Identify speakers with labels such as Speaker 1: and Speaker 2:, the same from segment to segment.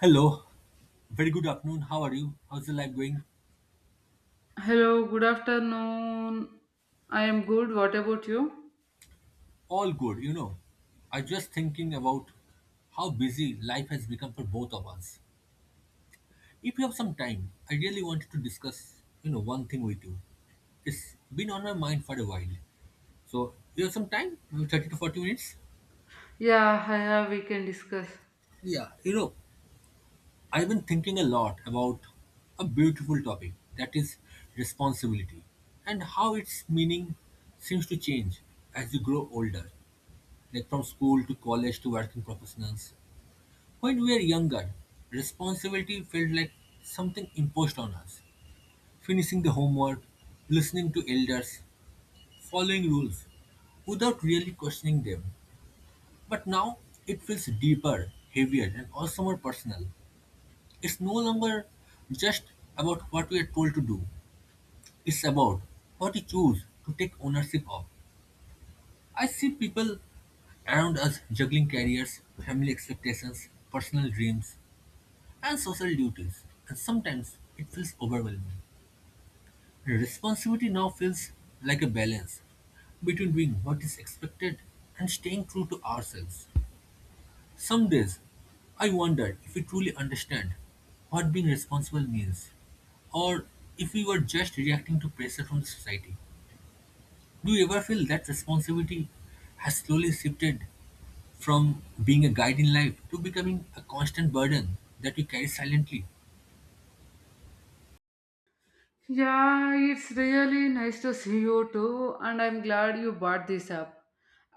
Speaker 1: Hello. Very good afternoon. How are you? How's the life going?
Speaker 2: Hello, good afternoon. I am good. What about you?
Speaker 1: All good. I just thinking about how busy life has become for both of us. If you have some time, I really wanted to discuss, one thing with you. It's been on my mind for a while. So you have some time? Maybe 30 to 40 minutes?
Speaker 2: Yeah, we can discuss.
Speaker 1: Yeah, I've been thinking a lot about a beautiful topic that is responsibility and how its meaning seems to change as you grow older. Like from school to college to working professionals. When we were younger, responsibility felt like something imposed on us. Finishing the homework, listening to elders, following rules without really questioning them. But now it feels deeper, heavier, and also more personal. It's no longer just about what we are told to do, it's about what we choose to take ownership of. I see people around us juggling careers, family expectations, personal dreams, and social duties, and sometimes it feels overwhelming. Responsibility now feels like a balance between doing what is expected and staying true to ourselves. Some days, I wonder if we truly understand what being responsible means, or if we were just reacting to pressure from society. Do you ever feel that responsibility has slowly shifted from being a guide in life to becoming a constant burden that we carry silently?
Speaker 2: Yeah, it's really nice to see you too, and I'm glad you brought this up.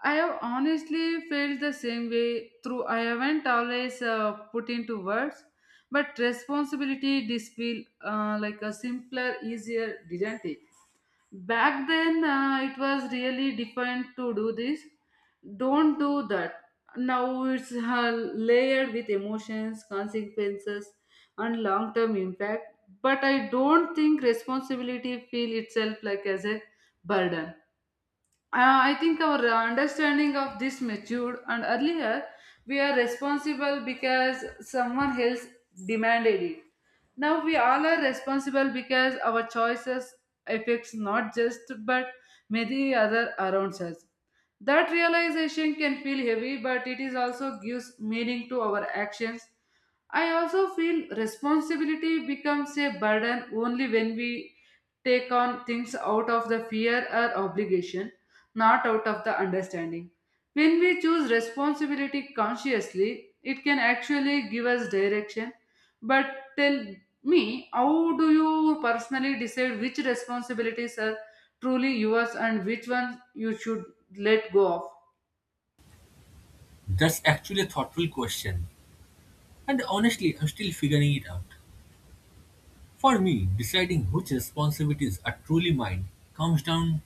Speaker 2: I have honestly felt the same way through. I haven't always put into words, but responsibility did feel like a simpler, easier, didn't it? Back then it was really different. To do this, don't do that. Now it's layered with emotions, consequences, and long term impact, but I don't think responsibility feel itself like as a burden. I think our understanding of this matured, and earlier we are responsible because someone else demanded it. Now we all are responsible because our choices affects not just but many other around us. That realization can feel heavy, but it is also gives meaning to our actions. I also feel responsibility becomes a burden only when we take on things out of the fear or obligation, not out of the understanding. When we choose responsibility consciously, it can actually give us direction. But tell me, how do you personally decide which responsibilities are truly yours and which ones you should let go of?
Speaker 1: That's actually a thoughtful question. And honestly, I'm still figuring it out. For me, deciding which responsibilities are truly mine comes down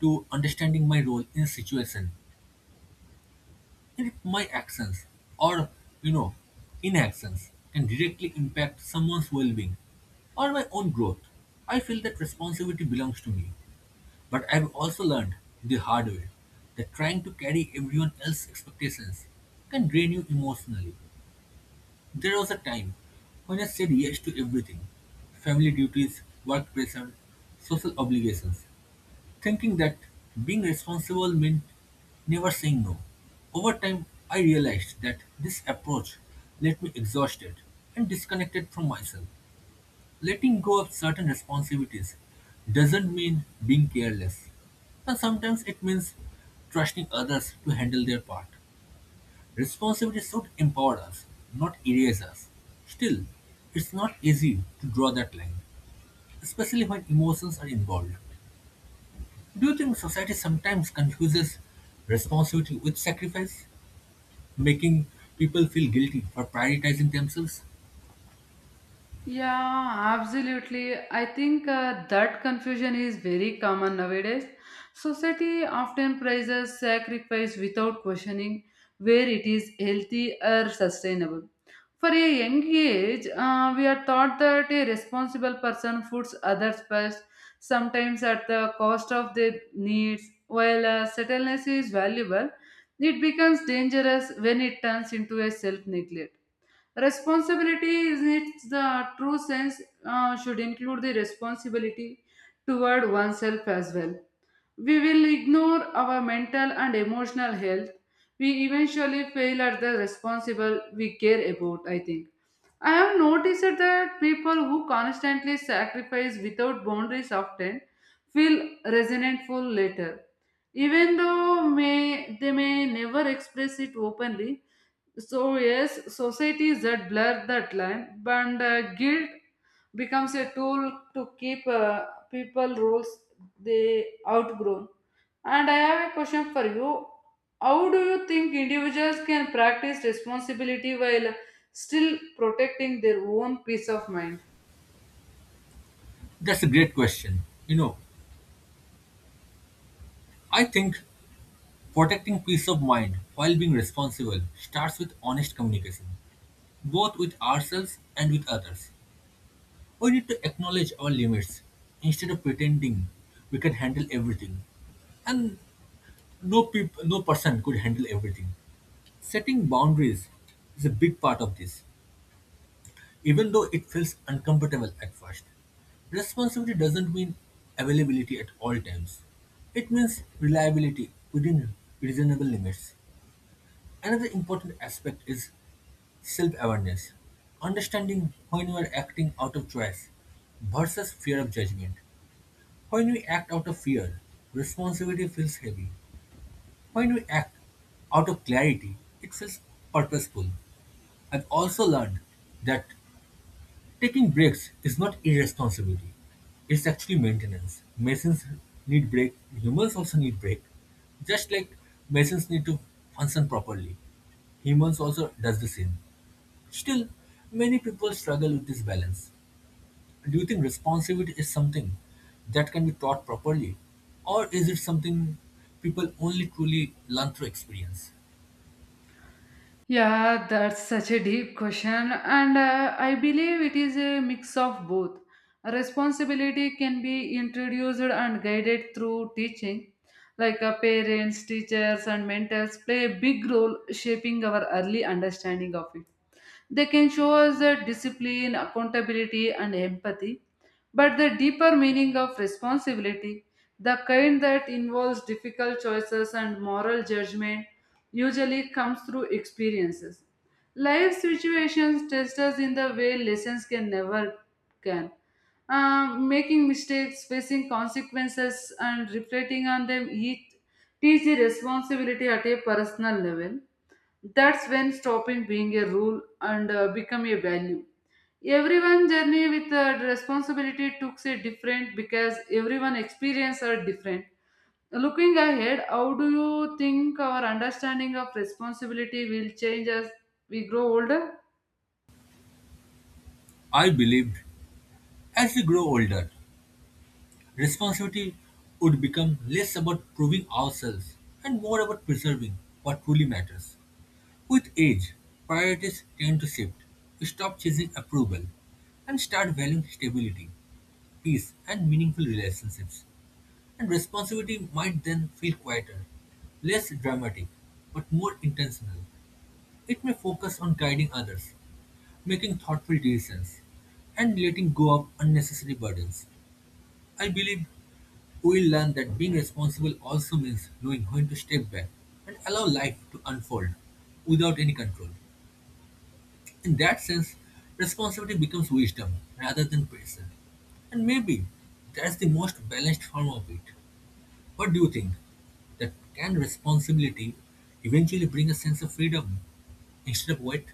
Speaker 1: to understanding my role in a situation and if my actions or, you know, inactions can directly impact someone's well being or my own growth. I feel that responsibility belongs to me, but I've also learned the hard way that trying to carry everyone else's expectations can drain you emotionally. There was a time when I said yes to everything, family duties, work pressure, social obligations, thinking that being responsible meant never saying no. Over time, I realized that this approach left me exhausted and disconnected from myself. Letting go of certain responsibilities doesn't mean being careless, and sometimes it means trusting others to handle their part. Responsibility should empower us, not erase us. Still, it's not easy to draw that line, especially when emotions are involved. Do you think society sometimes confuses responsibility with sacrifice, making people feel guilty for prioritizing themselves?
Speaker 2: Yeah, absolutely. I think that confusion is very common nowadays. Society often praises sacrifice without questioning where it is healthy or sustainable. For a young age, we are taught that a responsible person puts others first, sometimes at the cost of their needs. While settledness is valuable, it becomes dangerous when it turns into a self neglect. Responsibility in its the true sense should include the responsibility toward oneself as well. We will ignore our mental and emotional health. We eventually fail at the responsible we care about, I think. I have noticed that people who constantly sacrifice without boundaries often feel resentful later. Even though they may never express it openly, so yes, societies that blur that line, but guilt becomes a tool to keep people roles they outgrown. And I have a question for you. How do you think individuals can practice responsibility while still protecting their own peace of mind?
Speaker 1: That's a great question. You know, I think protecting peace of mind while being responsible starts with honest communication, both with ourselves and with others. We need to acknowledge our limits instead of pretending we can handle everything. And no person could handle everything. Setting boundaries is a big part of this, even though it feels uncomfortable at first. Responsibility doesn't mean availability at all times. It means reliability within reasonable limits. Another important aspect is self awareness, understanding when you are acting out of choice versus fear of judgment. When we act out of fear, responsibility feels heavy. When we act out of clarity, it feels purposeful. I've also learned that taking breaks is not irresponsibility, it's actually maintenance. Masons need break, humans also need break. Just like masons need to function properly, humans also does the same. Still, many people struggle with this balance. Do you think responsibility is something that can be taught properly? Or is it something people only truly learn through experience?
Speaker 2: Yeah, that's such a deep question, and I believe it is a mix of both. Responsibility can be introduced and guided through teaching, like parents, teachers, and mentors play a big role shaping our early understanding of it. They can show us the discipline, accountability, and empathy. But the deeper meaning of responsibility, the kind that involves difficult choices and moral judgment, usually comes through experiences. Life situations test us in the way lessons can never can. Making mistakes, facing consequences, and reflecting on them each teach the responsibility at a personal level. That's when stopping being a rule and become a value. Everyone journey with responsibility took a different because everyone experience are different. Looking ahead, how do you think our understanding of responsibility will change as we grow older?
Speaker 1: I believed as we grow older, responsibility would become less about proving ourselves and more about preserving what truly matters. With age, priorities tend to shift. You stop chasing approval and start valuing stability, peace, and meaningful relationships. And responsibility might then feel quieter, less dramatic, but more intentional. It may focus on guiding others, making thoughtful decisions, and letting go of unnecessary burdens. I believe we'll learn that being responsible also means knowing when to step back and allow life to unfold without any control. In that sense, responsibility becomes wisdom rather than pressure. And maybe that's the most balanced form of it. What do you think? That can responsibility eventually bring a sense of freedom instead of weight?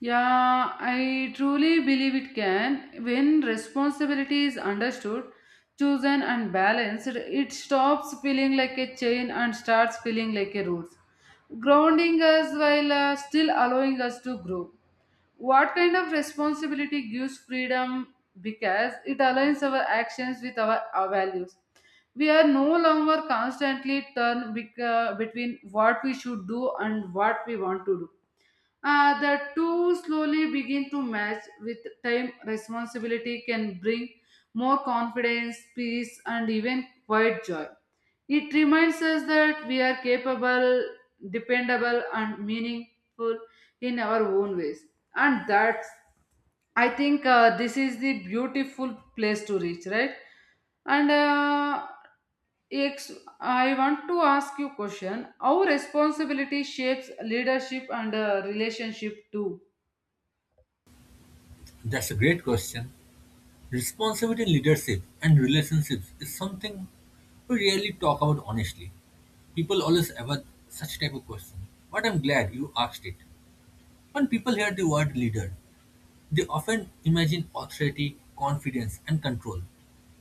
Speaker 2: Yeah, I truly believe it can. When responsibility is understood, chosen, and balanced, it stops feeling like a chain and starts feeling like a root, grounding us while still allowing us to grow. What kind of responsibility gives freedom? Because it aligns our actions with our values. We are no longer constantly turned between what we should do and what we want to do. The two slowly begin to match with time. Responsibility can bring more confidence, peace, and even quiet joy. It reminds us that we are capable, dependable, and meaningful in our own ways, and that's, I think, this is the beautiful place to reach, right? and uh, I want to ask you question: how responsibility shapes leadership and relationship too?
Speaker 1: That's a great question. Responsibility in leadership and relationships is something we rarely talk about honestly. People always avoid such type of question. But I'm glad you asked it. When people hear the word leader, they often imagine authority, confidence, and control.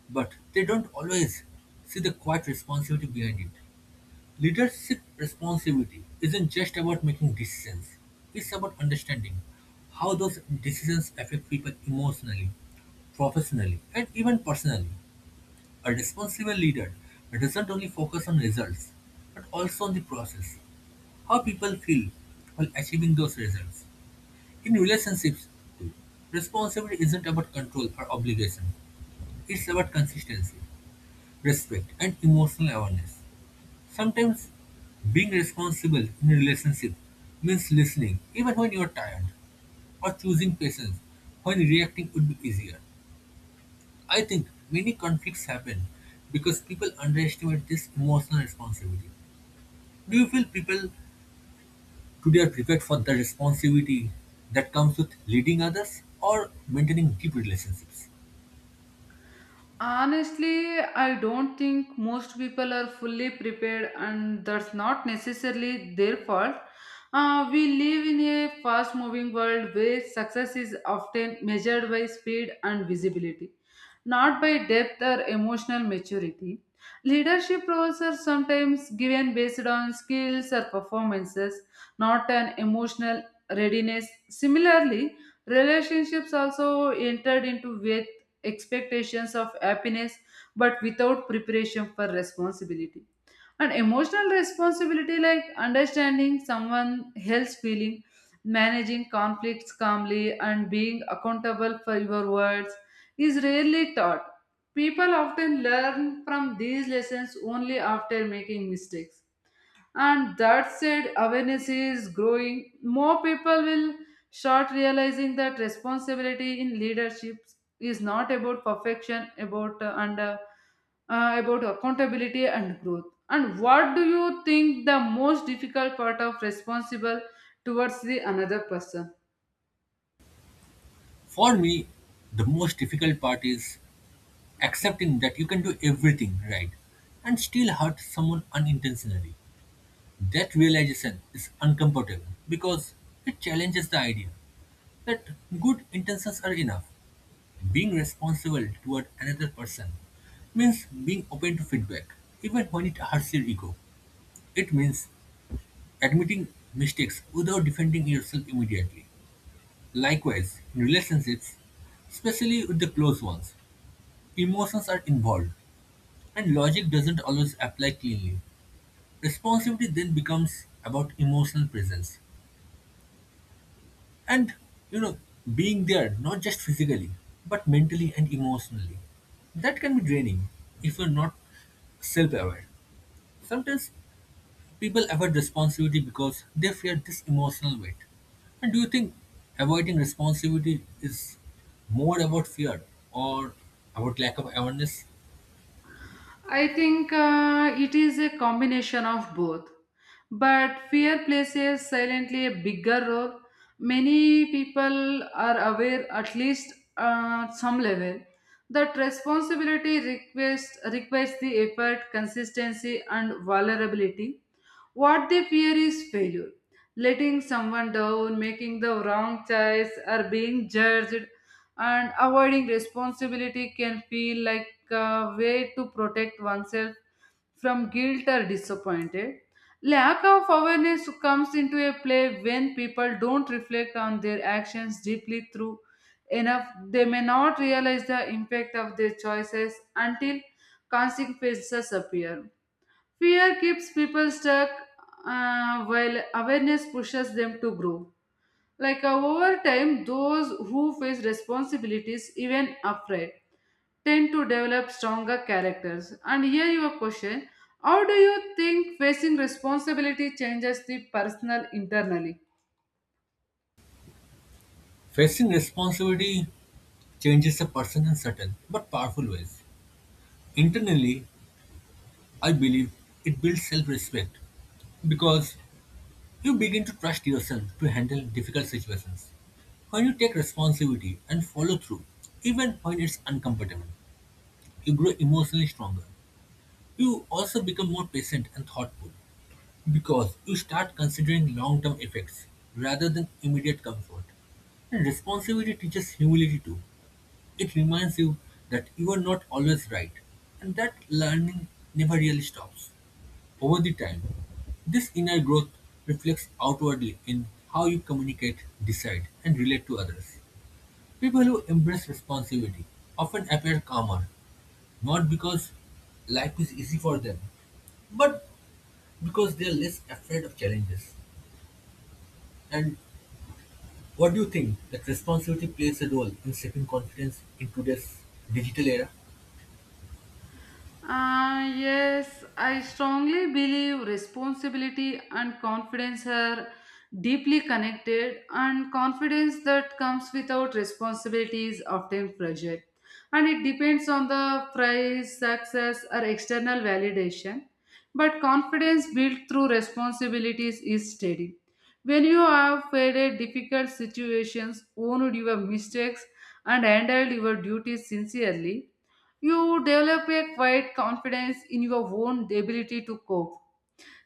Speaker 1: But they don't always see the quiet responsibility behind it. Leadership responsibility isn't just about making decisions, it's about understanding how those decisions affect people emotionally, professionally, and even personally. A responsible leader doesn't only focus on results, but also on the process, how people feel while achieving those results. In relationships, too, responsibility isn't about control or obligation, it's about consistency, respect, and emotional awareness. Sometimes being responsible in a relationship means listening even when you're tired, or choosing patience when reacting would be easier. I think many conflicts happen because people underestimate this emotional responsibility. Do you feel people today are prepared for the responsibility that comes with leading others or maintaining deep relationships?
Speaker 2: Honestly, I don't think most people are fully prepared, and that's not necessarily their fault. We live in a fast moving world where success is often measured by speed and visibility, not by depth or emotional maturity. Leadership roles are sometimes given based on skills or performances, not an emotional readiness. Similarly, relationships also entered into expectations of happiness but without preparation for responsibility and emotional responsibility, like understanding someone else's feeling, managing conflicts calmly, and being accountable for your words is rarely taught. People often learn from these lessons only after making mistakes, and that said, awareness is growing. More people will start realizing that responsibility in leadership is not about perfection, about accountability and growth. And what do you think the most difficult part of responsible towards the another person?
Speaker 1: For me, the most difficult part is accepting that you can do everything right and still hurt someone unintentionally. That realization is uncomfortable because it challenges the idea that good intentions are enough. Being responsible toward another person means being open to feedback, even when it hurts your ego. It means admitting mistakes without defending yourself immediately. Likewise, in relationships, especially with the close ones, emotions are involved and logic doesn't always apply cleanly. Responsibility then becomes about emotional presence and you know being there, not just physically but mentally and emotionally. That can be draining if you're not self-aware. Sometimes people avoid responsibility because they fear this emotional weight. And do you think avoiding responsibility is more about fear or about lack of awareness?
Speaker 2: I think it is a combination of both. But fear plays a silently a bigger role. Many people are aware, at least at some level, that responsibility requires the effort, consistency, and vulnerability. What they fear is failure, letting someone down, making the wrong choice, or being judged, and avoiding responsibility can feel like a way to protect oneself from guilt or disappointed. Lack of awareness comes into a play when people don't reflect on their actions deeply through enough. They may not realize the impact of their choices until consequences appear. Fear keeps people stuck while awareness pushes them to grow. Like over time, those who face responsibilities, even afraid, tend to develop stronger characters. And here your question: how do you think facing responsibility changes the personal internally?
Speaker 1: Facing responsibility changes a person in certain but powerful ways internally. I believe it builds self-respect because you begin to trust yourself to handle difficult situations. When you take responsibility and follow through, even when it's uncomfortable, you grow emotionally stronger. You also become more patient and thoughtful because you start considering long term effects rather than immediate comfort. And responsibility teaches humility too. It reminds you that you are not always right and that learning never really stops. Over the time, this inner growth reflects outwardly in how you communicate, decide, and relate to others. People who embrace responsibility often appear calmer, not because life is easy for them, but because they are less afraid of challenges. And what do you think? That responsibility plays a role in shaping confidence in today's digital era?
Speaker 2: Yes, I strongly believe responsibility and confidence are deeply connected, and confidence that comes without responsibility is often fragile. And it depends on the prize, success, or external validation. But confidence built through responsibilities is steady. When you have faced difficult situations, owned your mistakes, and handled your duties sincerely, you develop a quiet confidence in your own ability to cope.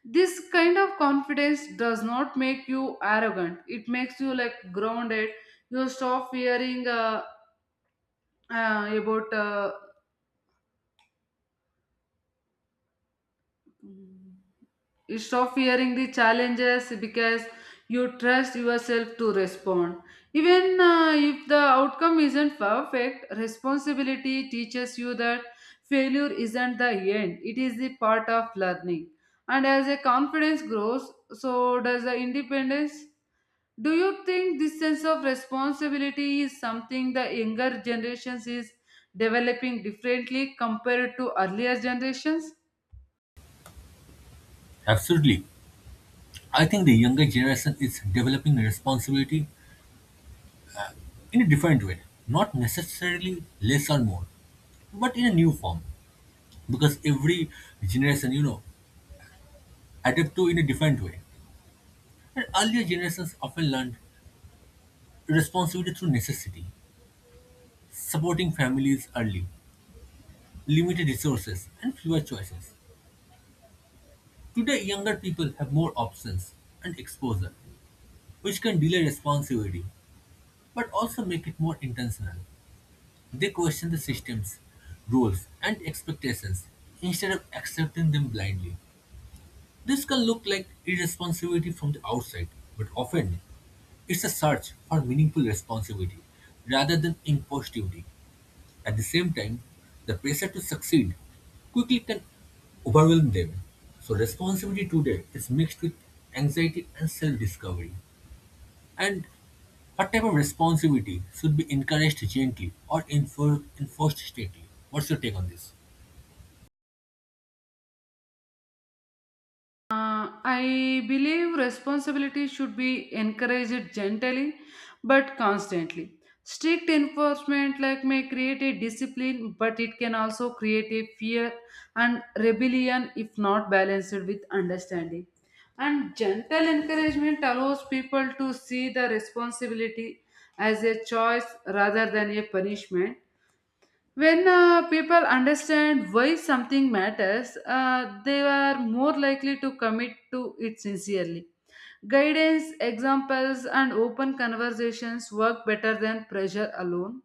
Speaker 2: This kind of confidence does not make you arrogant. It makes you like grounded. You uh, about uh, stop fearing the challenges because you trust yourself to respond. Even if the outcome isn't perfect, responsibility teaches you that failure isn't the end, it is the part of learning. And as a confidence grows, so does the independence. Do you think this sense of responsibility is something the younger generations is developing differently compared to earlier generations?
Speaker 1: Absolutely. I think the younger generation is developing responsibility in a different way, not necessarily less or more, but in a new form because every generation adapt to in a different way. And earlier generations often learned responsibility through necessity, supporting families early, limited resources and fewer choices. Today younger people have more options and exposure which can delay responsibility, but also make it more intentional. They question the systems, rules and expectations instead of accepting them blindly. This can look like irresponsibility from the outside, but often it's a search for meaningful responsibility rather than imposed duty. At the same time, the pressure to succeed quickly can overwhelm them. So, responsibility today is mixed with anxiety and self discovery. And what type of responsibility should be encouraged gently or enforced strictly? What's your take on this?
Speaker 2: I believe responsibility should be encouraged gently but constantly. Strict enforcement like may create a discipline, but it can also create a fear and rebellion if not balanced with understanding. And gentle encouragement allows people to see the responsibility as a choice rather than a punishment. When people understand why something matters, they are more likely to commit to it sincerely. Guidance, examples, and open conversations work better than pressure alone.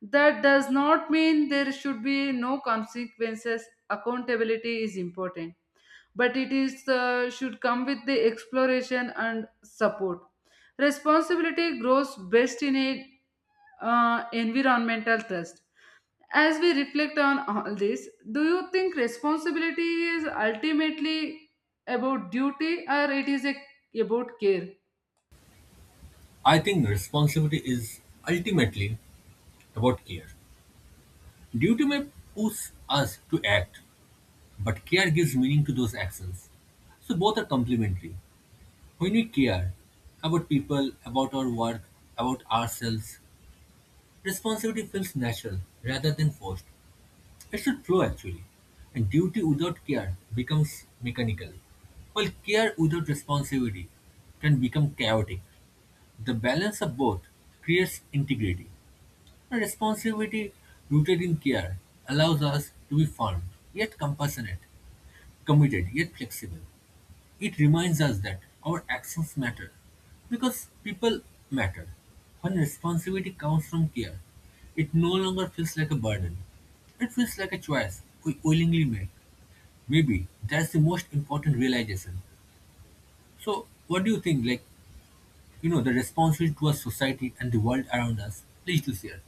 Speaker 2: That does not mean there should be no consequences. Accountability is important, but it is should come with the exploration and support. Responsibility grows best in a environmental trust. As we reflect on all this, do you think responsibility is ultimately about duty or about care?
Speaker 1: I think responsibility is ultimately about care. Duty may push us to act, but care gives meaning to those actions. So both are complementary. When we care about people, about our work, about ourselves, responsibility feels natural rather than forced. It should flow actually. And duty without care becomes mechanical, while care without responsibility can become chaotic. The balance of both creates integrity. And responsibility rooted in care allows us to be firm, yet compassionate, committed, yet flexible. It reminds us that our actions matter because people matter. When responsibility comes from care, it no longer feels like a burden. It feels like a choice we willingly make. Maybe that's the most important realization. So, what do you think? Like, the responsibility towards society and the world around us. Please do share.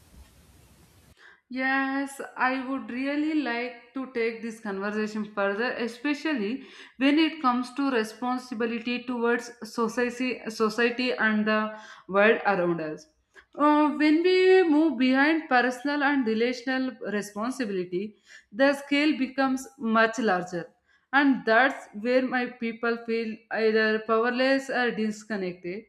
Speaker 2: Yes, I would really like to take this conversation further, especially when it comes to responsibility towards society and the world around us. When we move behind personal and relational responsibility, the scale becomes much larger, and that's where my people feel either powerless or disconnected,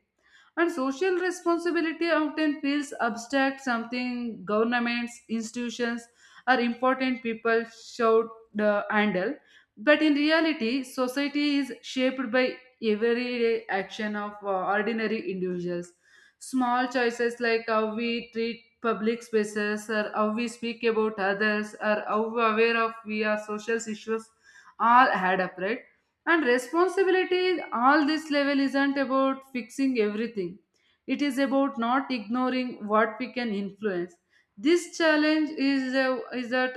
Speaker 2: and social responsibility often feels abstract, something governments, institutions, or important people should handle. But in reality, society is shaped by everyday action of ordinary individuals. Small choices like how we treat public spaces, or how we speak about others, or how aware of we are social issues, all add up, right? And responsibility, all this level isn't about fixing everything. It is about not ignoring what we can influence. This is that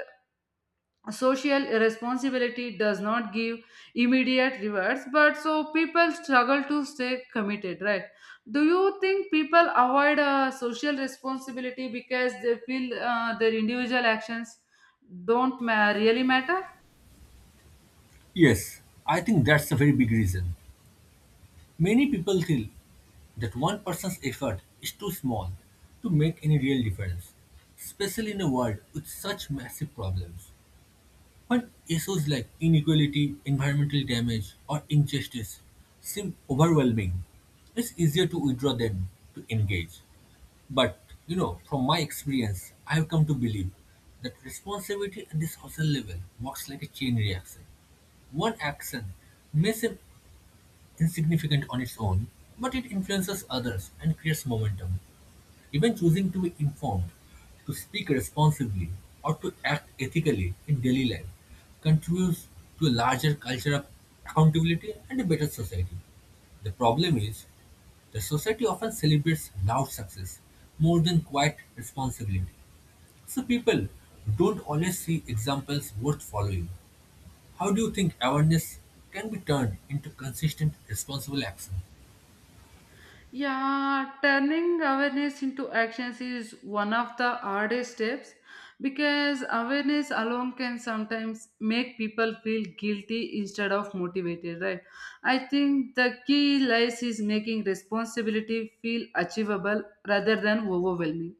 Speaker 2: social responsibility does not give immediate rewards, but so people struggle to stay committed, right? Do you think people avoid social responsibility because they feel their individual actions don't ma- really matter?
Speaker 1: Yes, I think that's a very big reason. Many people feel that one person's effort is too small to make any real difference, especially in a world with such massive problems. When issues like inequality, environmental damage, or injustice seem overwhelming, it's easier to withdraw than to engage. But from my experience, I have come to believe that responsibility at the social level works like a chain reaction. One action may seem insignificant on its own, but it influences others and creates momentum. Even choosing to be informed, to speak responsibly, or to act ethically in daily life contributes to a larger culture of accountability and a better society. The problem is, the society often celebrates loud success more than quiet responsibility. So people don't always see examples worth following. How do you think awareness can be turned into consistent responsible action?
Speaker 2: Yeah, turning awareness into actions is one of the hardest steps because awareness alone can sometimes make people feel guilty instead of motivated, right? I think the key lies is making responsibility feel achievable rather than overwhelming.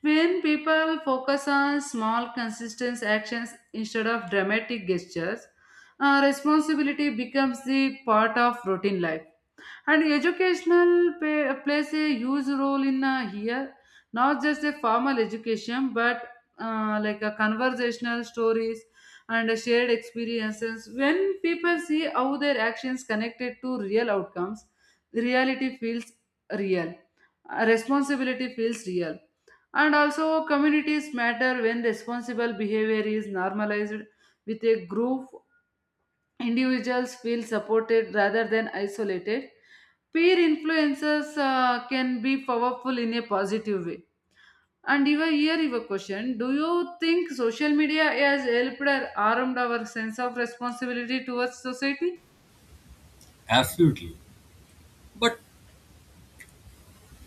Speaker 2: When people focus on small, consistent actions instead of dramatic gestures, responsibility becomes the part of routine life, and plays a huge role in here. Not just a formal education, but like a conversational stories and a shared experiences. When people see how their actions connected to real outcomes, reality feels real responsibility feels real. And also communities matter. When responsible behavior is normalized with a group, individuals feel supported rather than isolated. Peer influences can be powerful in a positive way. And even here, you have a question: do you think social media has helped or harmed our sense of responsibility towards society?
Speaker 1: Absolutely. But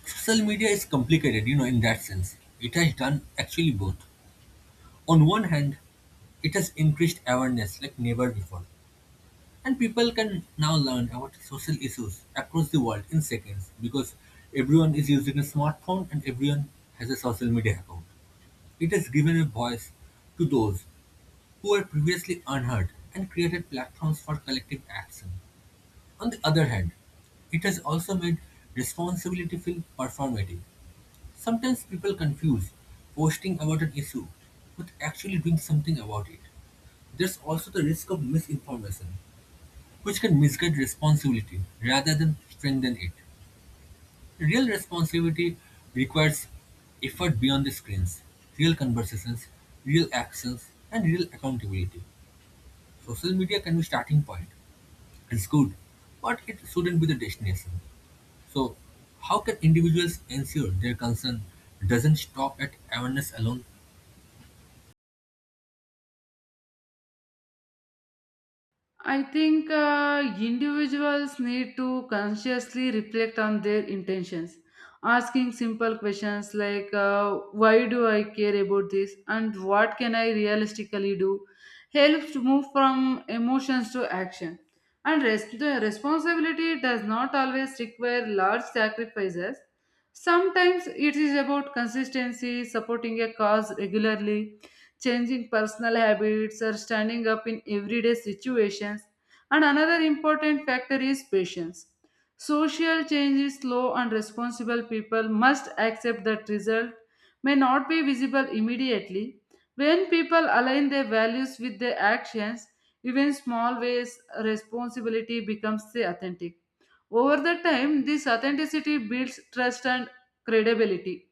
Speaker 1: social media is complicated, in that sense. It has done actually both. On one hand, it has increased awareness like never before. And people can now learn about social issues across the world in seconds because everyone is using a smartphone and everyone has a social media account. It has given a voice to those who were previously unheard and created platforms for collective action. On the other hand, it has also made responsibility feel performative. Sometimes people confuse posting about an issue with actually doing something about it. There's also the risk of misinformation, which can misguide responsibility rather than strengthen it. Real responsibility requires effort beyond the screens, real conversations, real actions, and real accountability. Social media can be starting point. It's good, but it shouldn't be the destination. So, how can individuals ensure their concern doesn't stop at awareness alone?
Speaker 2: I think individuals need to consciously reflect on their intentions, asking simple questions like why do I care about this and what can I realistically do helps to move from emotions to action. The responsibility does not always require large sacrifices. Sometimes it is about consistency, supporting a cause regularly, changing personal habits, or standing up in everyday situations. And another important factor is patience. Social change is slow, and responsible people must accept that result may not be visible immediately. When people align their values with their actions, even small ways responsibility becomes the authentic. Over the time, this authenticity builds trust and credibility,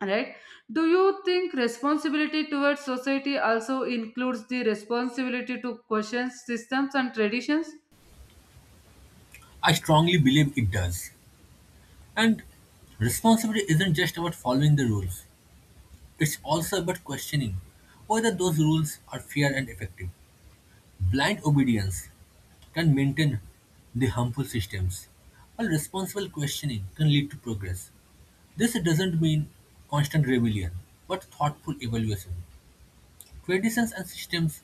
Speaker 2: right? Do you think responsibility towards society also includes the responsibility to question systems and traditions?
Speaker 1: I strongly believe it does. And responsibility isn't just about following the rules, it's also about questioning whether those rules are fair and effective. Blind obedience can maintain the harmful systems, while responsible questioning can lead to progress. This doesn't mean constant rebellion, but thoughtful evaluation. Traditions and systems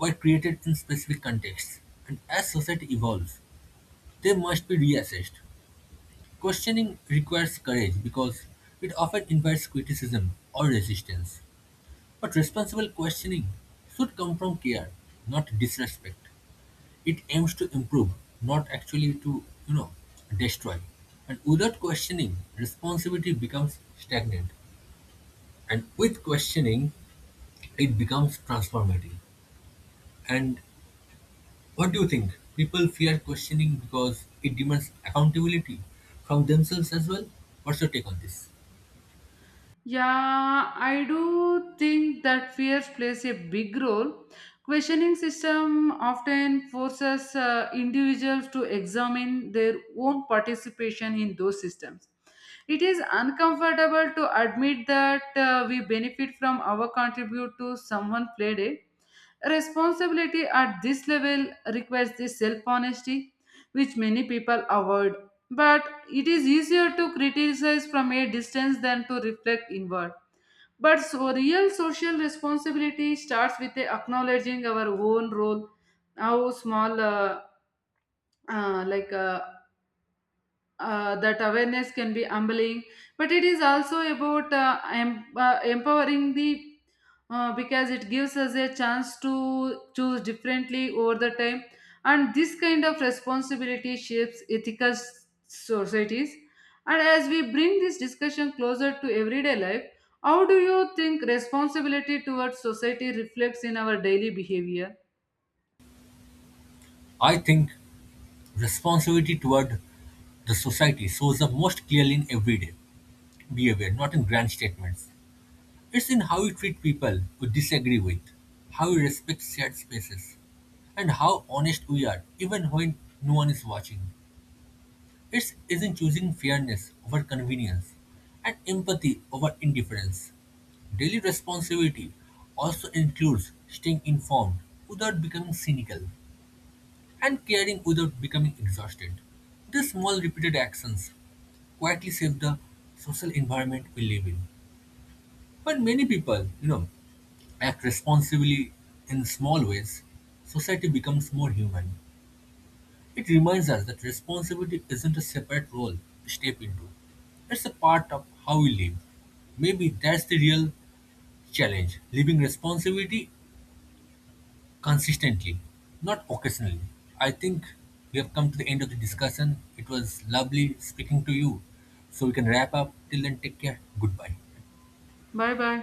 Speaker 1: were created in specific contexts, and as society evolves, they must be reassessed. Questioning requires courage because it often invites criticism or resistance. But responsible questioning should come from care, not disrespect. It aims to improve, not actually to destroy. And without questioning, responsibility becomes stagnant. And with questioning, it becomes transformative. And what do you think? People fear questioning because it demands accountability from themselves as well? What's your take on this?
Speaker 2: Yeah, I do think that fear plays a big role. Questioning system often forces individuals to examine their own participation in those systems. It is uncomfortable to admit that we benefit from our contribute to someone played it. Responsibility at this level requires the self honesty, which many people avoid. But it is easier to criticize from a distance than to reflect inward. But so real social responsibility starts with a acknowledging our own role, how small, uh, like uh, that awareness can be humbling, but it is also about empowering the because it gives us a chance to choose differently over the time. And this kind of responsibility shapes ethical societies. And as we bring this discussion closer to everyday life, how do you think responsibility towards society reflects in our daily behavior?
Speaker 1: I think responsibility toward the society shows up most clearly in everyday behavior, not in grand statements. It's in how we treat people we disagree with, how we respect shared spaces, and how honest we are, even when no one is watching. It's is in choosing fairness over convenience and empathy over indifference. Daily responsibility also includes staying informed without becoming cynical and caring without becoming exhausted. These small repeated actions quietly shape the social environment we live in. When many people, act responsibly in small ways, society becomes more human. It reminds us that responsibility isn't a separate role to step into. It's a part of how we live. Maybe that's the real challenge, living responsibility consistently, not occasionally. I think we have come to the end of the discussion. It was lovely speaking to you. So we can wrap up. Till then, take care. Goodbye.
Speaker 2: Bye bye.